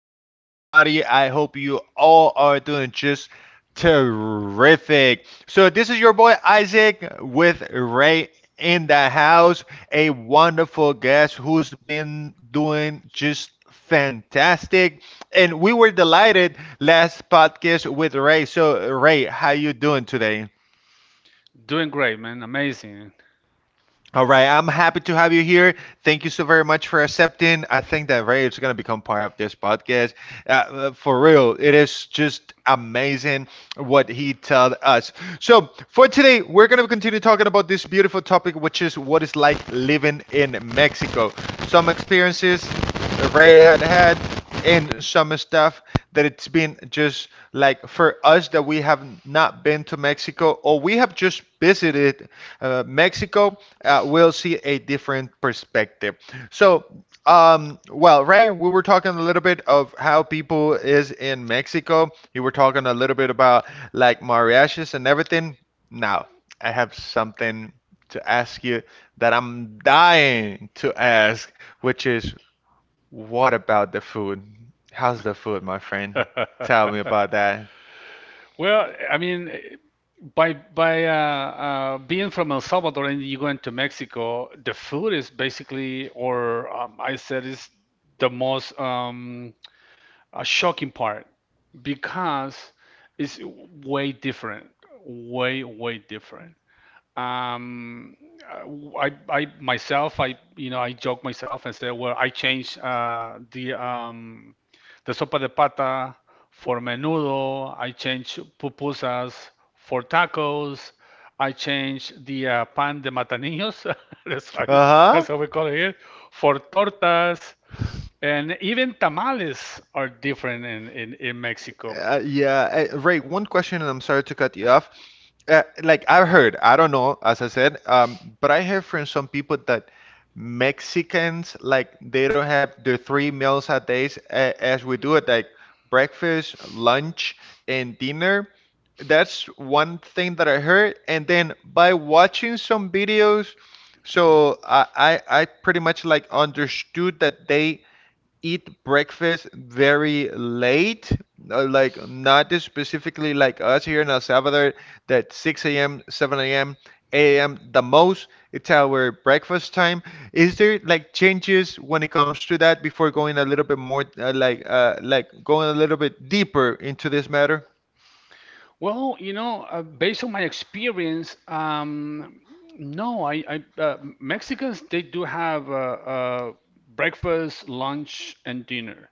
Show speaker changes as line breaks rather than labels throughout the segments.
everybody. I hope you all are doing just terrific. So, this is your boy Isaac with Ray in the house, a wonderful guest who's been doing just fantastic. And we were delighted last podcast with Ray. So, Ray, how you doing today?
Doing great, man. Amazing.
All right, I'm happy to have you here. Thank you so very much for accepting. I think that Ray is going to become part of this podcast. For real, it is just amazing what he told us. So, for today, we're going to continue talking about this beautiful topic, which is what it's like living in Mexico. Some experiences Ray had had, and some stuff that it's been just like for us that we have not been to Mexico or we have just visited Mexico, we'll see a different perspective. So, well, Ray, we were talking a little bit of how people is in Mexico. You were talking a little bit about like mariachis and everything. Now, I have something to ask you that I'm dying to ask, which is what about the food? How's the food, my friend? Tell me about that.
Well, I mean, eh, by being from El Salvador and you going to Mexico, the food is basically, or, I said, is the most shocking part because it's way different, way different. Um, I myself, I joke myself and say, well, I changed the sopa de pata for menudo. I changed pupusas for tacos. I changed the pan de matanillos. That's
Uh-huh.
that's how we call it here, for tortas. And even tamales are different in, in Mexico.
Yeah, Ray, one question, and I'm sorry to cut you off. Like I've heard, I don't know, as I said, but I heard from some people that Mexicans like they don't have their three meals a day as we do it, like breakfast, lunch, and dinner. That's one thing that I heard, and then by watching some videos, so I pretty much like understood that they eat breakfast very late, like not as specifically like us here in El Salvador, that 6 a.m., 7 a.m., 8 a.m. the most. It's our breakfast time. Is there like changes when it comes to that before going a little bit more like going a little bit deeper into this matter?
Based on my experience, no, I Mexicans, they do have breakfast, lunch, and dinner.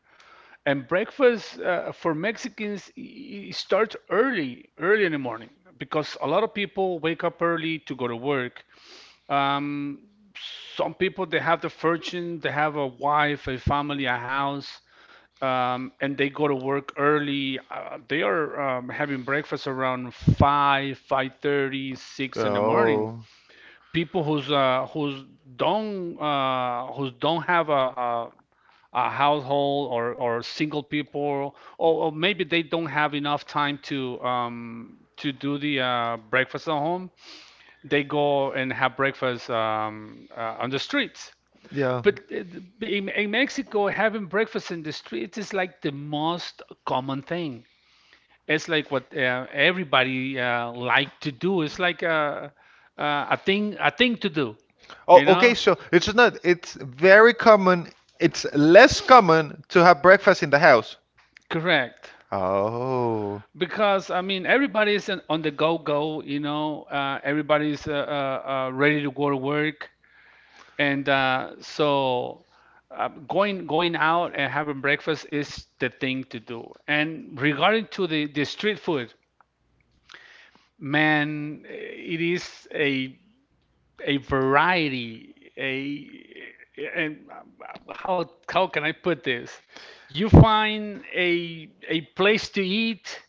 And breakfast for Mexicans starts early, early in the morning, because a lot of people wake up early to go to work. Um, some people, they have the fortune, they have a wife, a family, a house, and they go to work early. They are having breakfast around 5, 5:30, six in the morning.
Oh,
People who's who's don't have a, a household, or single people, or maybe they don't have enough time to do the breakfast at home, they go and have breakfast on the streets.
yeah.
But in Mexico, having breakfast in the streets is like the most common thing. It's like what everybody like to do. It's like a, a thing, a thing to do,
Oh,
you
okay.
know?
So it's not. It's very common. It's less common to have breakfast in the house.
Correct.
Oh,
Because I mean, everybody's on the go, go, you know. Everybody's ready to go to work, and so going out and having breakfast is the thing to do. And regarding to the street food, man, it is a variety. A And how can I put this? You find a place to eat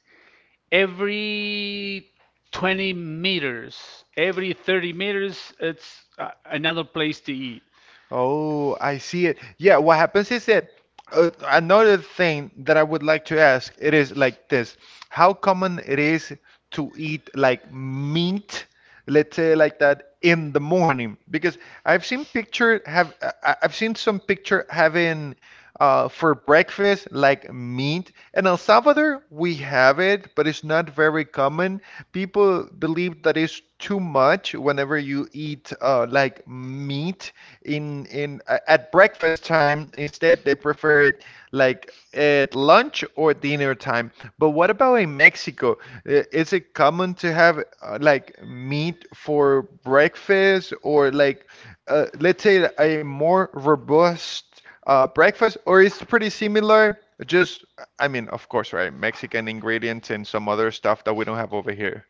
every 20 meters, every 30 meters, it's another place to eat.
oh, I see it. Yeah, what happens is that another thing that I would like to ask, it is like this. How common it is to eat like meat, let's say like that in the morning? Because I've seen picture have I've seen some picture having for breakfast, like meat. In El Salvador, we have it, but it's not very common. People believe that it's too much whenever you eat like meat in at breakfast time. Instead, they prefer it like at lunch or dinner time. But what about in Mexico? I- is it common to have like meat for breakfast or like let's say a more robust breakfast, or it's pretty similar. Just, I mean, of course, right? Mexican ingredients and some other stuff that we don't have over here.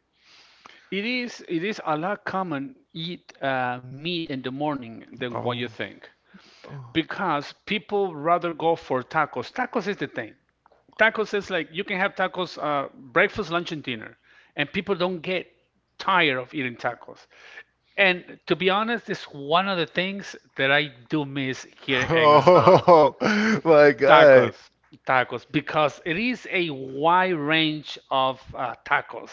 It is a lot common eat meat in the morning than what
Oh.
you think,
Oh.
because people rather go for tacos. Tacos is the thing. Tacos is like you can have tacos breakfast, lunch, and dinner, and people don't get tired of eating tacos. And to be honest, it's one of the things that I do miss here in El Salvador.
Oh my God.
Tacos, tacos, because it is a wide range of tacos.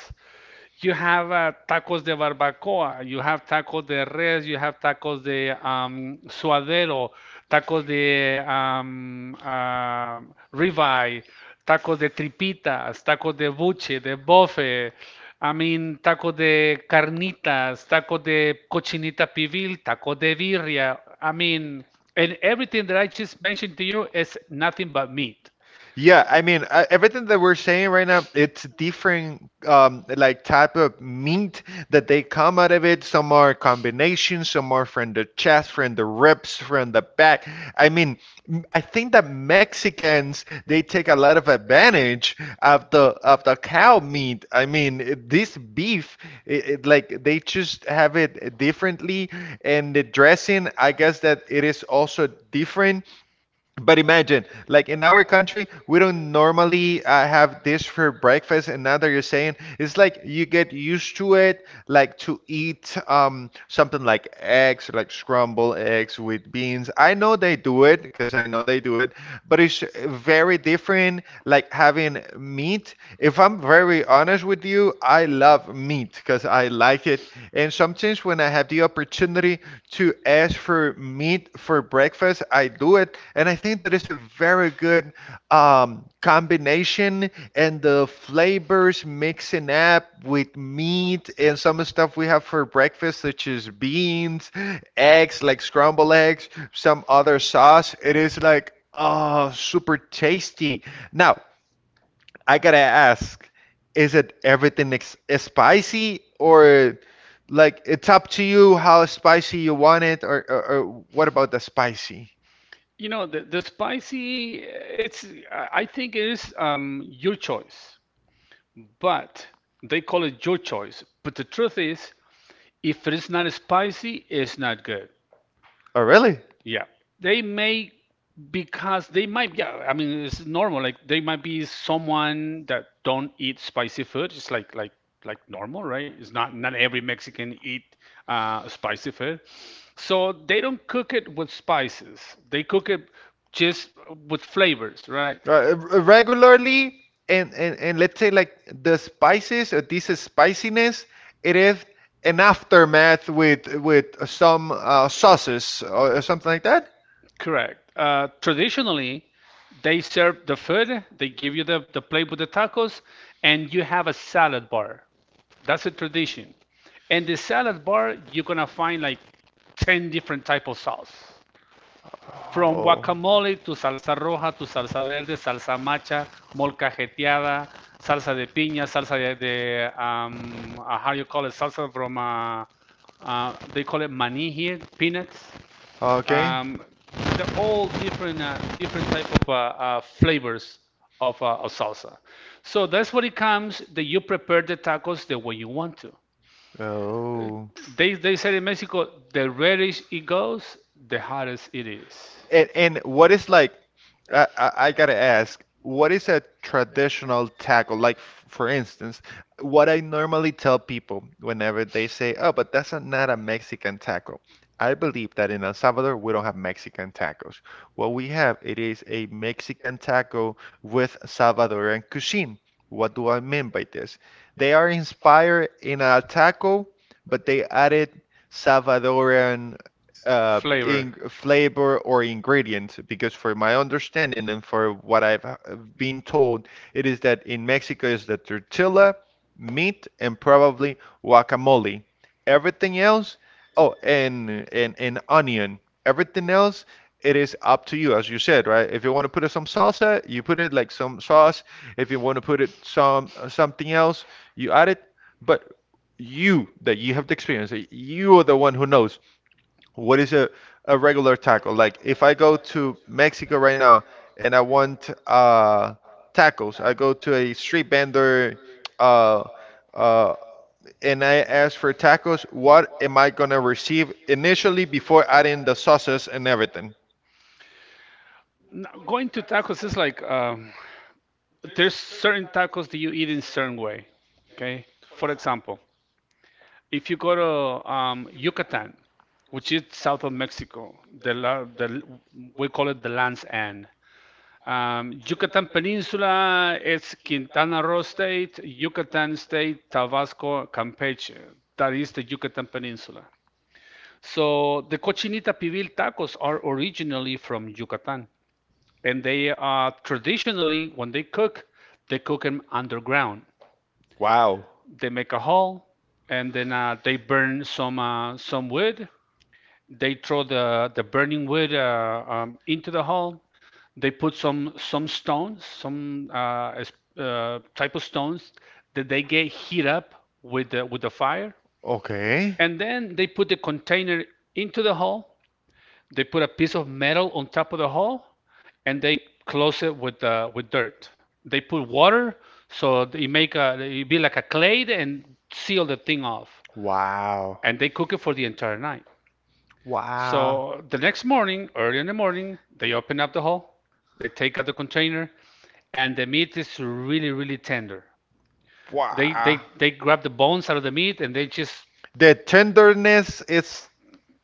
You have tacos de barbacoa, you have tacos de res, you have tacos de suadero, tacos de ribeye, tacos de tripitas, tacos de buche, de bofe. I mean, tacos de carnitas, tacos de cochinita pibil, tacos de birria. I mean. And everything that I just mentioned to you is nothing but meat.
Yeah, I mean, everything that we're saying right now, it's different like type of meat that they come out of it. Some are combinations, some are from the chest, from the ribs, from the back. I mean, I think that Mexicans they take a lot of advantage of the cow meat. I mean, this beef, it like they just have it differently, and the dressing, I guess that it is also different. But imagine, like in our country, we don't normally have this for breakfast, and now that you're saying, it's like you get used to it, like to eat something like eggs, like scrambled eggs with beans. I know they do it because I know they do it, but it's very different, like having meat. If I'm very honest with you, I love meat because I like it, and sometimes when I have the opportunity to ask for meat for breakfast, I do it. And I think that is a very good combination. And the flavors mixing up with meat and some stuff we have for breakfast, such as beans, eggs, like scrambled eggs, some other sauce. It is like, oh, super tasty. Now, I gotta ask, is it everything ex spicy or like it's up to you how spicy you want it or what about the spicy?
You know, the spicy, I think it is your choice, but they call it your choice. But the truth is, if it is not spicy, it's not good.
Oh, really?
Yeah, they may because they might. Yeah, I mean it's normal. Like they might be someone that don't eat spicy food. It's like like normal, right? It's not every Mexican eat spicy food, so they don't cook it with spices. They cook it just with flavors, right?
Right, regularly and, and let's say like the spices or this spiciness it is an aftermath with some sauces or something like that
Correct. Traditionally, they serve the food. They give you the plate with the tacos, and you have a salad bar. That's a tradition. And the salad bar, you're gonna find like 10 different type of sauce. From guacamole to salsa roja to salsa verde, salsa macha, molcajeteada, salsa de piña, salsa de, how you call it, salsa from, they call it maní here, peanuts.
okay.
Um, they're all different, different type of flavors of salsa. So that's what it comes that you prepare the tacos the way you want to.
Oh,
They said in Mexico, the reddish it goes, the hottest it is.
and what is like, I gotta ask, what is a traditional tackle? Like for instance, what I normally tell people whenever they say, "Oh, but that's a, not a Mexican tackle." I believe that in El Salvador we don't have Mexican tacos. What we have it is a Mexican taco with Salvadoran cuisine. What do I mean by this? They are inspired in a taco, but they added Salvadoran in
Flavor.
flavor or ingredient because for my understanding and for what I've been told, it is that in Mexico is the tortilla, meat, and probably guacamole. Everything else, oh, and onion. Everything else, it is up to you, as you said, right? If you want to put it some salsa, you put it like some sauce. If you want to put it some something else, you add it. But you that you have the experience, you are the one who knows what is a regular taco? Like if I go to Mexico right now and I want tacos, I go to a street vendor uh uh and I ask for tacos, what am I gonna receive initially before adding the sauces and everything?
Now, going to tacos is like there's certain tacos that you eat in certain way. Okay. For example, if you go to Yucatan, which is south of Mexico, the, the we call it the land's end. Yucatan Peninsula, it's Quintana Roo State, Yucatan State, Tabasco, Campeche. That is the Yucatan Peninsula. So the cochinita pibil tacos are originally from Yucatan, and they are traditionally when they cook them underground.
Wow.
They make a hole, and then they burn some wood. They throw the burning wood into the hole. They put some stones, some type of stones that they get heat up with the fire,
Okay.
and then they put the container into the hole. They put a piece of metal on top of the hole, and they close it with dirt. They put water, so they make a it be like a clay and seal the thing off,
Wow.
and they cook it for the entire night.
Wow.
So the next morning, early in the morning, they open up the hull, they take out the container, and the meat is really, really tender. They
Wow.
they they grab the bones out of the meat and they just
The tenderness is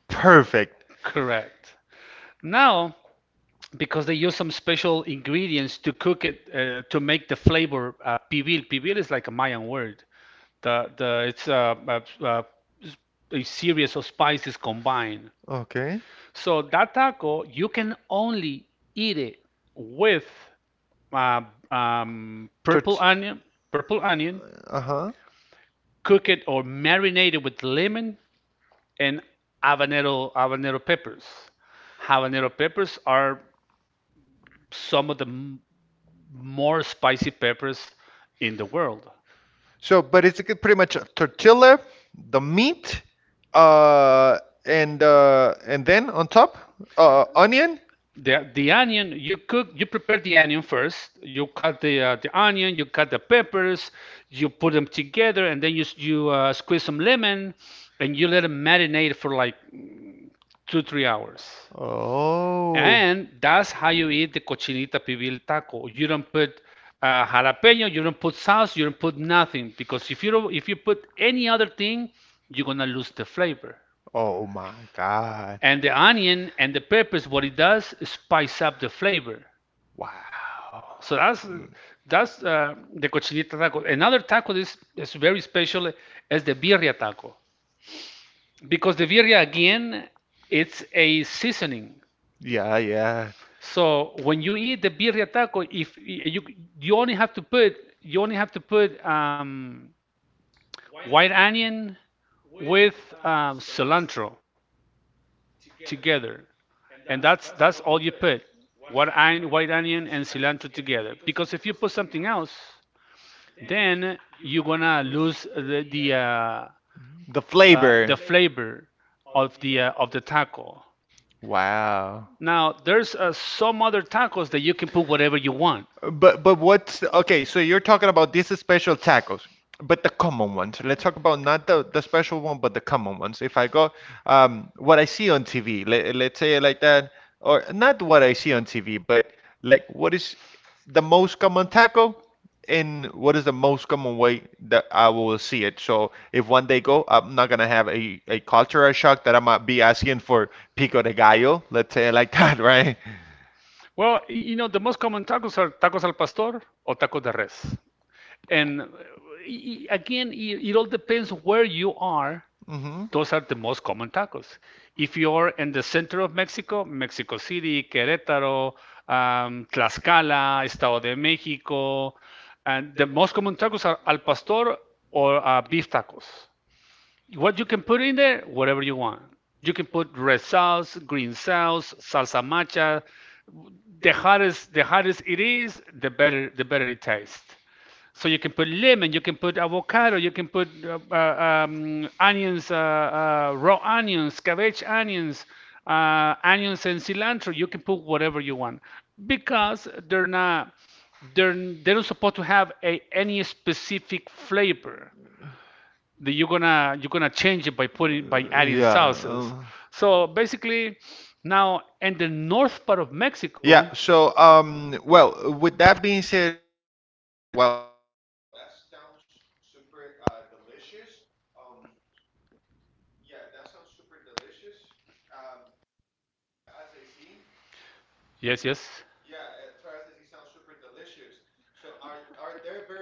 perfect.
correct. Now, because they use some special ingredients to cook it to make the flavor pibil. Pibil is like a Mayan word. The it's a series of spices combined.
Okay.
So that taco, you can only eat it with uh, um,
Tort
purple onion, purple onion,
uh-huh.
cook it or marinate it with lemon and habanero habanero peppers. Habanero peppers are some of the more spicy peppers in the world.
So, but it's pretty much a tortilla, the meat, uh, and then on top, onion.
The onion you cook, you prepare the onion first, you cut the onion, you cut the peppers, you put them together, and then you you squeeze some lemon and you let them marinate for like 2, 3 hours.
Oh.
And that's how you eat the cochinita pibil taco. You don't put jalapeno, you don't put sauce, you don't put nothing, because if you don't, if you put any other thing, you're gonna lose the flavor.
Oh my God.
And the onion and the peppers, what it does is spice up the flavor.
Wow.
So that's
Mm.
the cochinita taco. Another taco is very special is the birria taco, because the birria again, it's a seasoning.
Yeah, yeah.
So when you eat the birria taco, if eh, you only have to put, you only have to put white onion with cilantro together, and that's all you put. White onion and cilantro together. Because if you put something else, then you're gonna lose the
The flavor.
the flavor of the taco.
Wow.
Now there's some other tacos that you can put whatever you want.
But what's okay? So you're talking about these special tacos, but the common ones. Let's talk about not the, the special one, but the common ones. If I go, what I see on TV, let's say it like that, or not what I see on TV, but like what is the most common taco, and what is the most common way that I will see it. So if one day go, I'm not gonna have a cultural shock that I might be asking for pico de gallo. Let's say it like that, right?
Well, you know, the most common tacos are tacos al pastor or tacos de res. And again, it all depends where you are.
hmm
Those are the most common tacos. If you are in the center of Mexico, Mexico City, Querétaro, Tlaxcala, Estado de México, and the most common tacos are al pastor or beef tacos. What you can put in there, whatever you want. You can put red sauce, green sauce, salsa macha. The hottest it is, the better it tastes. So you can put lemon, you can put avocado, you can put onions, raw onions, cabbage onions, onions and cilantro. You can put whatever you want because they're, they're not supposed to have a, any specific flavor that you're gonna change it by putting by adding
Yeah.
sauces.
Uh,
So basically, now in the north part of Mexico,
yeah. So, well, with that being said, wow, that sounds super delicious. Um, s- yeah, that sounds super delicious. Um, as far as I see.
yes, yes,
Yeah, fried as sounds super delicious. So are they very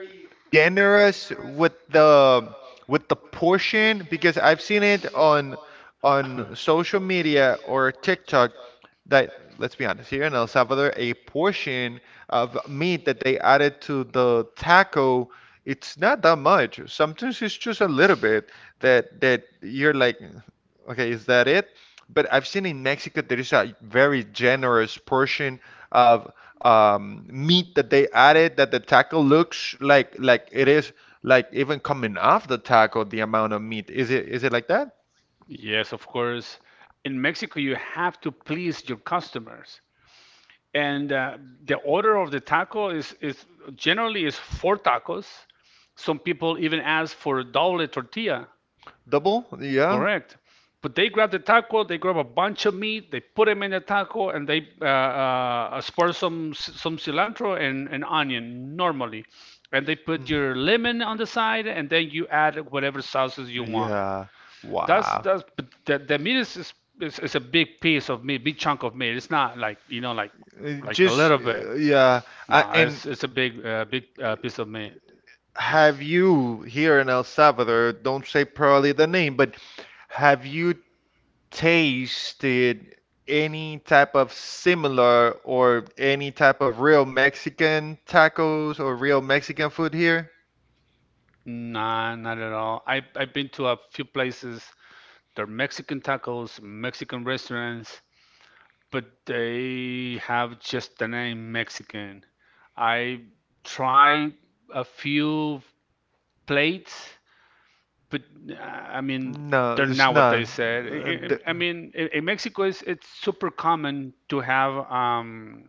generous with the portion? Because I've seen it on social media or TikTok that let's be honest here in El Salvador, a portion of meat that they added to the taco, it's not that much. Sometimes it's just a little bit that that you're like, okay, is that it? But I've seen in Mexico there is a very generous portion of meat that they added that the taco looks like it is like even coming off the taco, the amount of meat. Is it like that?
yes, of course. In Mexico, you have to please your customers, and the order of the taco is generally is 4 tacos. Some people even ask for double tortilla.
Double? Yeah.
Correct. But they grab the taco, they grab a bunch of meat, they put them in the taco, and they spur some cilantro and an onion normally, and they put your lemon on the side, and then you add whatever sauces you want.
That
That's but the, the meat is a big piece of meat, big chunk of meat. It's not like you know like
like
like
a
a
it.
little bit.
Yeah. I,
No,
and
it's a big big piece of meat.
have you here in El Salvador? Don't say probably the name, but have you tasted any type of similar or any type of real Mexican tacos or real Mexican food here?
Nah, not at all. I've been to a few places. They're Mexican tacos, Mexican restaurants, but they have just the name Mexican. I try a few plates, but I mean,
No,
they're
it's
not what they
not.
said.
Uh, the-
I mean, in Mexico, it's super common to have um,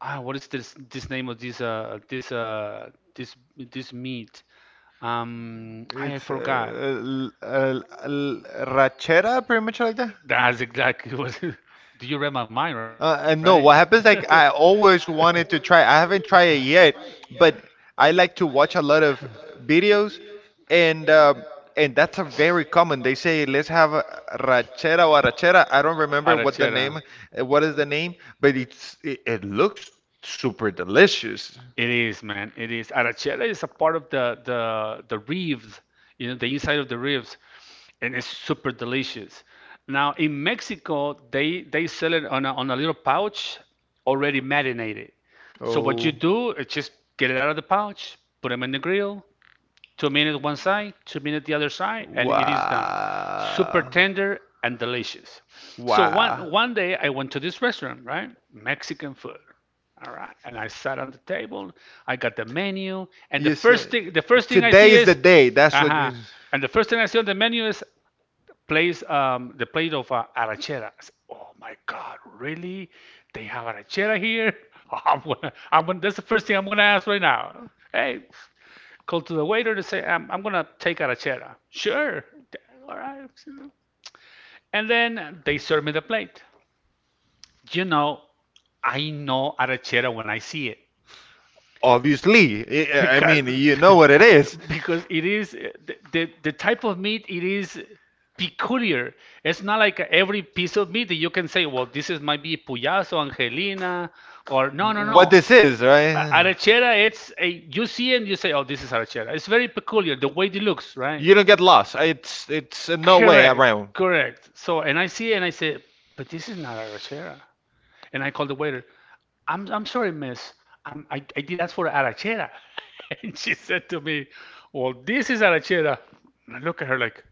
ah, what is this name of this this meat? I
It's
forgot.
rachera, pretty much like that.
That's exactly what. Do you read my mind, right?
And no, what happens like I always wanted to try. I haven't tried it yet, but I like to watch a lot of videos, and um, and that's a very
Like
common. They say let's have a
they
rachera or arrachera. I don't
full
remember what the
Arachera.
name, what is the name, but it looks super delicious.
It is, man. It is. Arachera is a part of the ribs, you know, the inside of the ribs, and it's super delicious. Now in Mexico, they sell it on a little pouch, already marinated. So what
Oh.
you do is just get it out of the pouch, put them in the grill. 2 minutes one side, 2 minutes the other side, and it is done. Super
Wow.
tender and delicious. So one
Wow.
one day I went to this restaurant, right? Mexican food. All right. And I sat on the table. I got the menu, and the
You say,
first thing the first thing I
today
see
is the
is,
day. That's what you.
uh-huh. And the first thing I see on the menu is place the plate of arachera. I said, oh my God, really? They have arachera here? That's the first thing I'm gonna ask right now. Hey, call to the waiter to say, I'm going to take arachera. Sure. All right. And then they serve me the plate. You know, I know arachera when I see it.
Obviously. I
Because,
mean, you know what it is.
because it is the type of meat, it is peculiar. It's not like every piece of meat that you can say, well, this is might be puyazo, angelina, or no, no,
What
no.
this is, right?
It's a, you see it and you say, oh, this is arachera. It's very peculiar the way it looks, right?
You don't get lost. It's no way
Correct,
around.
correct. So, and I see it and I say, but this is not arachera. And I call the waiter, I'm sorry, miss. I did ask for arachera. And she said to me, well, this is arachera. And I look at her like,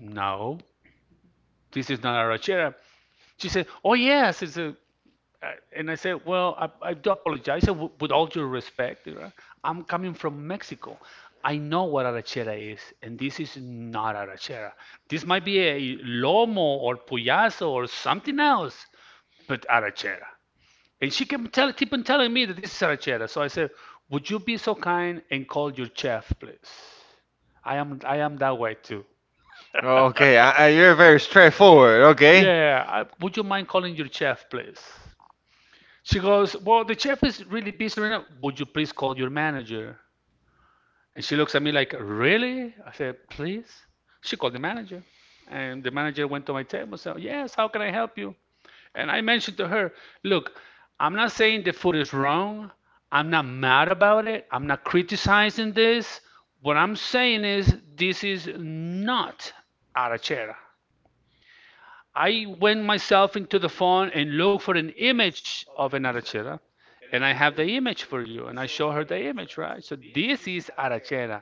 no, this is not arachera. She said, oh, yes, it's a and I said, well, I do apologize w- with all due respect. You know, I'm coming from Mexico. I know what arachera is, and this is not arachera. This might be a lomo or puyazo or something else, but arachera. And she kept, keep on telling me that this is arachera. So I said, would you be so kind and call your chef, please? I am that way too.
Okay, you're very straightforward. Okay.
Yeah, I, would you mind calling your chef, please? She goes, well, the chef is really busy right now. Would you please call your manager? And she looks at me like, really? I said, please? She called the manager. And the manager went to my table and said, yes, how can I help you? And I mentioned to her, look, I'm not saying the food is wrong. I'm not mad about it. I'm not criticizing this. What I'm saying is, this is not arachera. I went myself into the phone and looked for an image of an arachera, and I have the image for you. And I show her the image, right? So this is arachera.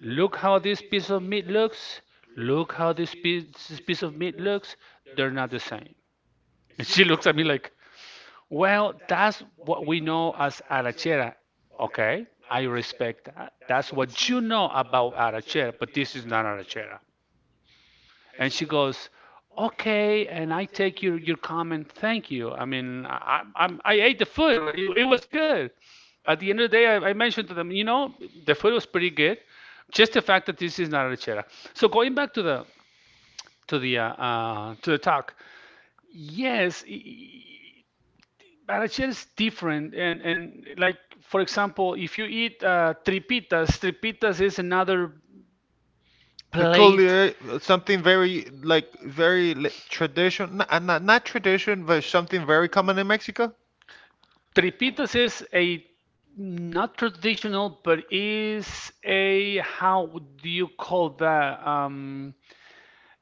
Look how this piece of meat looks. Look how this piece of meat looks. They're not the same. And she looks at me like, well, that's what we know as arachera. Okay, I respect that. That's what you know about arachera, but this is not arachera. And she goes, okay, and I take your comment. Thank you. I mean, I ate the food. Well, it was good. At the end of the day, I mentioned to them, you know, the food was pretty good. Just the fact that this is not a lechera. So going back to the talk, yes, arrachera is different. And like for example, if you eat tripitas, tripitas is another plate.
Peculiar, something very like very tradition, not tradition, but something very common in Mexico.
Tripitas is a not traditional, but is a how do you call that? Um,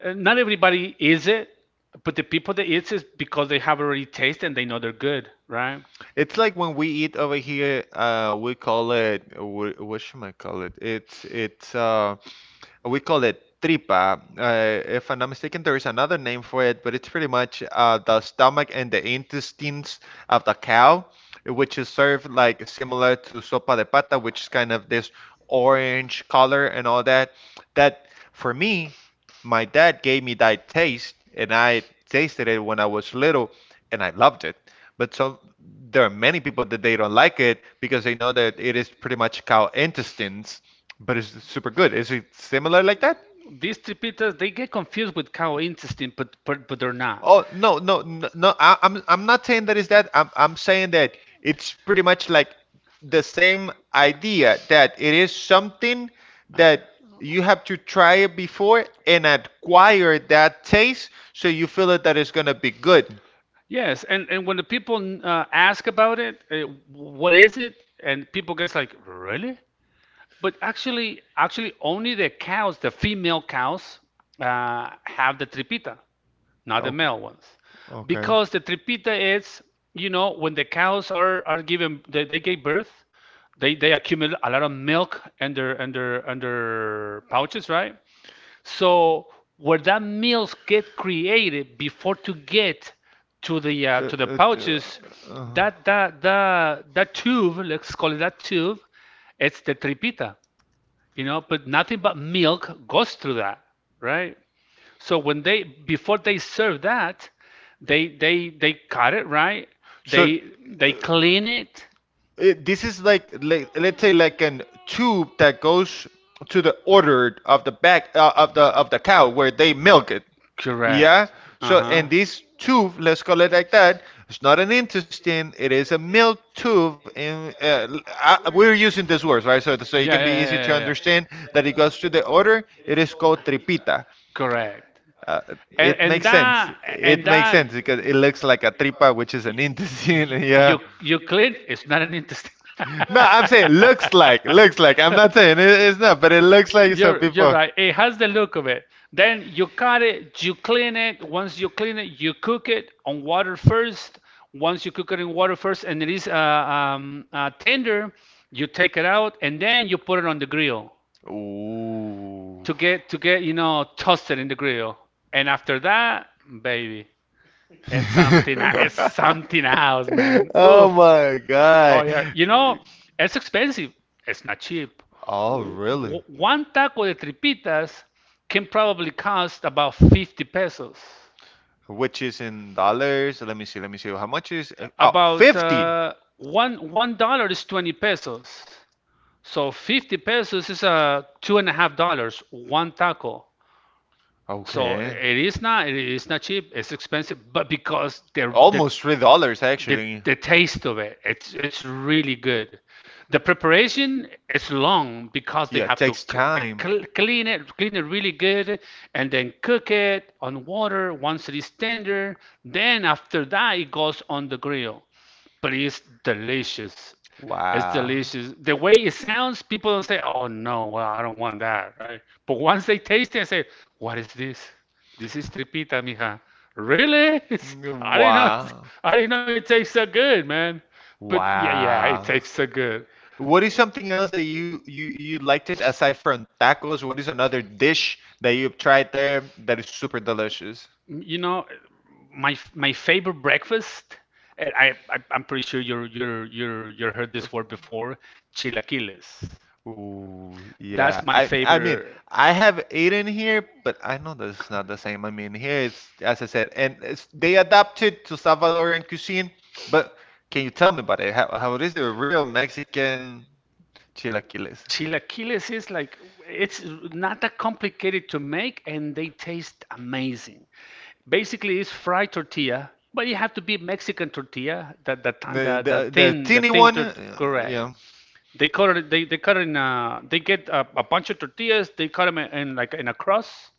uh, Not everybody is it, but the people that eats it because they have already tasted and they know they're good, right?
It's like when we eat over here, we call it, what should I call it? It's, we call it tripa. If I'm not mistaken, there is another name for it, but it's pretty much the stomach and the intestines of the cow, which is served like similar to sopa de pata, which is kind of this orange color and all that. That for me, my dad gave me that taste, and I tasted it when I was little, and I loved it. But some there are many people that they don't like it because they know that it is pretty much cow intestines, but it's super good. Is it similar like that?
These tripitas they get confused with cow intestine, but they're not.
Oh no no no! No, I'm not saying that is that. I'm saying that it's pretty much like the same idea that it is something that you have to try it before and acquire that taste so you feel it that it's gonna be good.
Yes, and when the people ask about it, what is it? And people gets like, really? But actually, actually, only the cows, the female cows, have the tripita, not the
Okay.
male ones,
Okay.
because the tripita is, you know, when the cows are given, they gave birth, they accumulate a lot of milk under under pouches, right? So where that milk get created before to get to the pouches, that that tube, let's call it that tube, it's the tripita, you know, but nothing but milk goes through that, right? So when they before they serve that, they cut it, right?
So
They clean it,
it. It, this is like let's say like an tube that goes to the udder of the back of the cow where they milk it. Yeah.
correct,
So
uh-huh.
and this tube, let's call it like that. It's not an intestine. It is a milk tube. I, we're using these words, right? So so it
Yeah, yeah,
can be
yeah,
easy to
yeah, yeah.
understand that it goes to the udder. It is called tripita.
Correct,
Uh, it
and
makes sense.
that, and
It makes
that
sense because it looks like a tripa, which is an intestine. Yeah.
You Euclid is not an intestine.
No, I'm
No,
saying looks like, looks like. I'm not saying it, it's not, but it looks
it.
like some
You're
people.
right. It has the look of it. Then you cut it, you clean it. Once you clean it, you cook it on water first. Once you cook it in water first, and it is tender, you take it out and then you put it on the grill
Ooh.
to get you know toasted in the grill. And after that, baby, it's something. It's something else, man.
Oh
Oof.
my
Oh
God.
yeah. You know, it's expensive. It's not cheap.
Oh, really?
One taco de tripitas can probably cost about 50 pesos.
Which is in dollars? Let me see. Let me see. How much is? Oh,
About
50.
one dollar is 20 pesos. So 50 pesos is two and a half dollars one taco. So
Okay.
it is not, it is not cheap. It's expensive, but because
Almost $3 actually.
the taste of it, it's really good. The preparation is long because they
Yeah, it
have to
takes
they
time.
clean it, clean it really good and then cook it on water once it is tender. Then after that it goes on the grill, but it's delicious. It's
Wow.
delicious. The way it sounds, people don't say, "Oh no, well I don't want that," right? But once they taste it, they say, "What is this? This is tripita, mija." Really?
Mm,
I didn't know.
Wow.
I didn't know it tastes so good, man. But yeah, yeah, it
Wow.
tastes so good.
What is something else that you liked it aside from tacos? What is another dish that you've tried there that is super delicious?
You know, my favorite breakfast. And I'm pretty sure you heard this
Of-
word before. Chilaquiles.
Ooh, yeah.
That's my
I mean,
favorite.
I have eaten here, but I know that it's not the same. I mean, here it's as I said, and it's, they adapted to Salvadoran cuisine. But can you tell me about it? How is it a real Mexican chilaquiles?
Chilaquiles is like it's not that complicated to make and they taste amazing. Basically, it's fried tortilla, but you have to be Mexican tortilla, the the ti-
The
the, the
the the
thin, the
teeny
thin
one,
tort correct.
yeah.
They cut it. They cut it in. A, they get a bunch of tortillas. They cut them in like in a cross,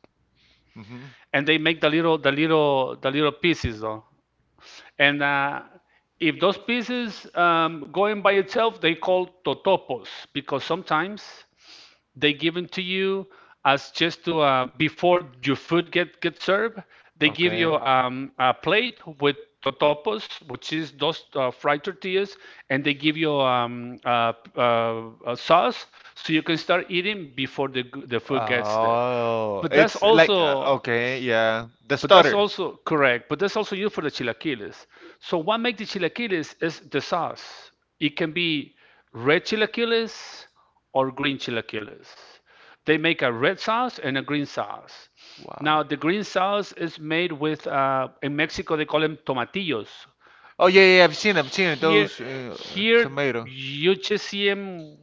Hmm.
and they make the little the little pieces though. And if those pieces going by itself, they call totopos because sometimes they give them to you as just to before your food get served. They give you a plate with totopos, which is those fried tortillas, and they give you a sauce so you can start eating before the food gets there.
Oh,
But that's also,
okay, yeah, the
but that's
but
also correct. But that's also used for the chilaquiles. So what makes the chilaquiles is the sauce. It can be red chilaquiles or green chilaquiles. They make a red sauce and a green sauce. Now, the green sauce is made with, in Mexico, they call them tomatillos.
oh yeah, yeah, I've seen it,
Here,
those
here
uh,
you just see them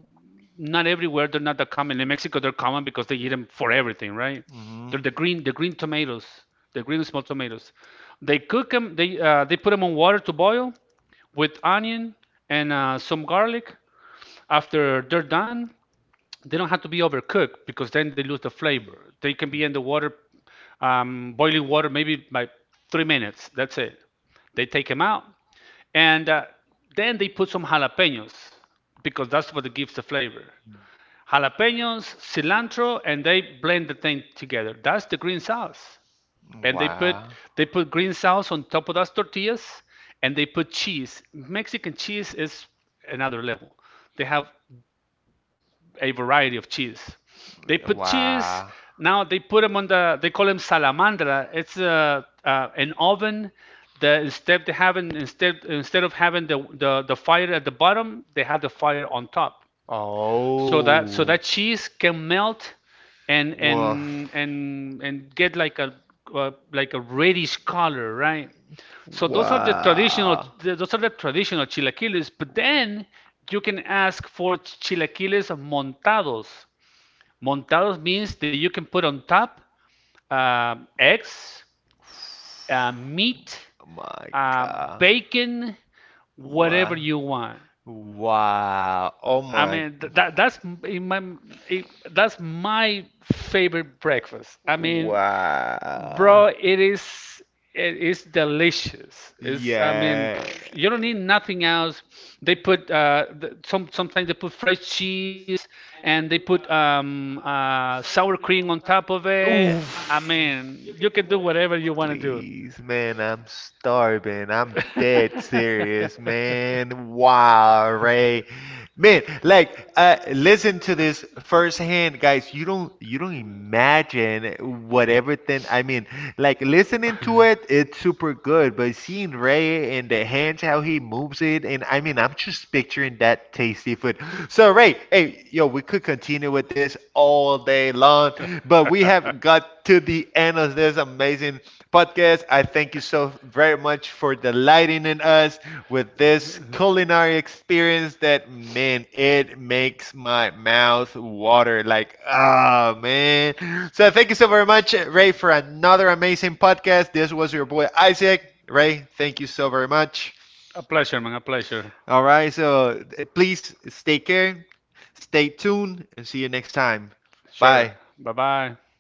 not everywhere. They're not that common. In Mexico, they're common because they eat them for everything, right?
hmm.
They're the green tomatoes, the green small tomatoes. They cook them. They they put them on water to boil with onion and some garlic. After they're done, they don't have to be overcooked because then they lose the flavor. They can be in the water, boiling water, maybe by 3 minutes. That's it. They take them out, and then they put some jalapenos because that's what it gives the flavor. Jalapenos, cilantro, and they blend the thing together. That's the green sauce. And they put green sauce on top of those tortillas, and they put cheese. Mexican cheese is another level. They have a variety of cheese. They put cheese. Now they put them on the. They call them salamandra. It's a, an oven. The instead they having instead of having the fire at the bottom, they had the fire on top
So that
so that, so that cheese can melt and and get like a reddish color, right?
the
So those are the traditional, those are the traditional chilaquiles, but then you can ask for chilaquiles montados. Montados means that you can put on top eggs,
uh,
meat,
oh My
uh, bacon, whatever you want.
wow. Oh
I
my.
mean, that's in my it, that's my favorite breakfast. I mean, bro,
Wow.
it is, it is delicious. It's, I mean,
Yeah.
pff, you don't need nothing else. They put some sometimes they put fresh cheese and they put sour cream on top of it. I
Oof.
mean, you can do whatever you want to do.
Please, man, I'm starving. I'm dead serious, man. Wow, Ray. Man, like listen to this firsthand, guys. You don't imagine what everything. I mean, like listening to it, it's super good. But seeing Ray and the hands, how he moves it, and I mean, I'm just picturing that tasty food. So Ray, hey, yo, we could continue with this all day long, but we have got to the end of this amazing podcast. I thank you so very much for delighting in us with this culinary experience that, man, it makes my mouth water. Like, ah, man. So, thank you so very much, Ray, for another amazing podcast. This was your boy, Isaac. Ray, thank you so very much.
A pleasure, man. A pleasure.
All right. So, please stay tuned, and see you next time. Bye.
Bye bye.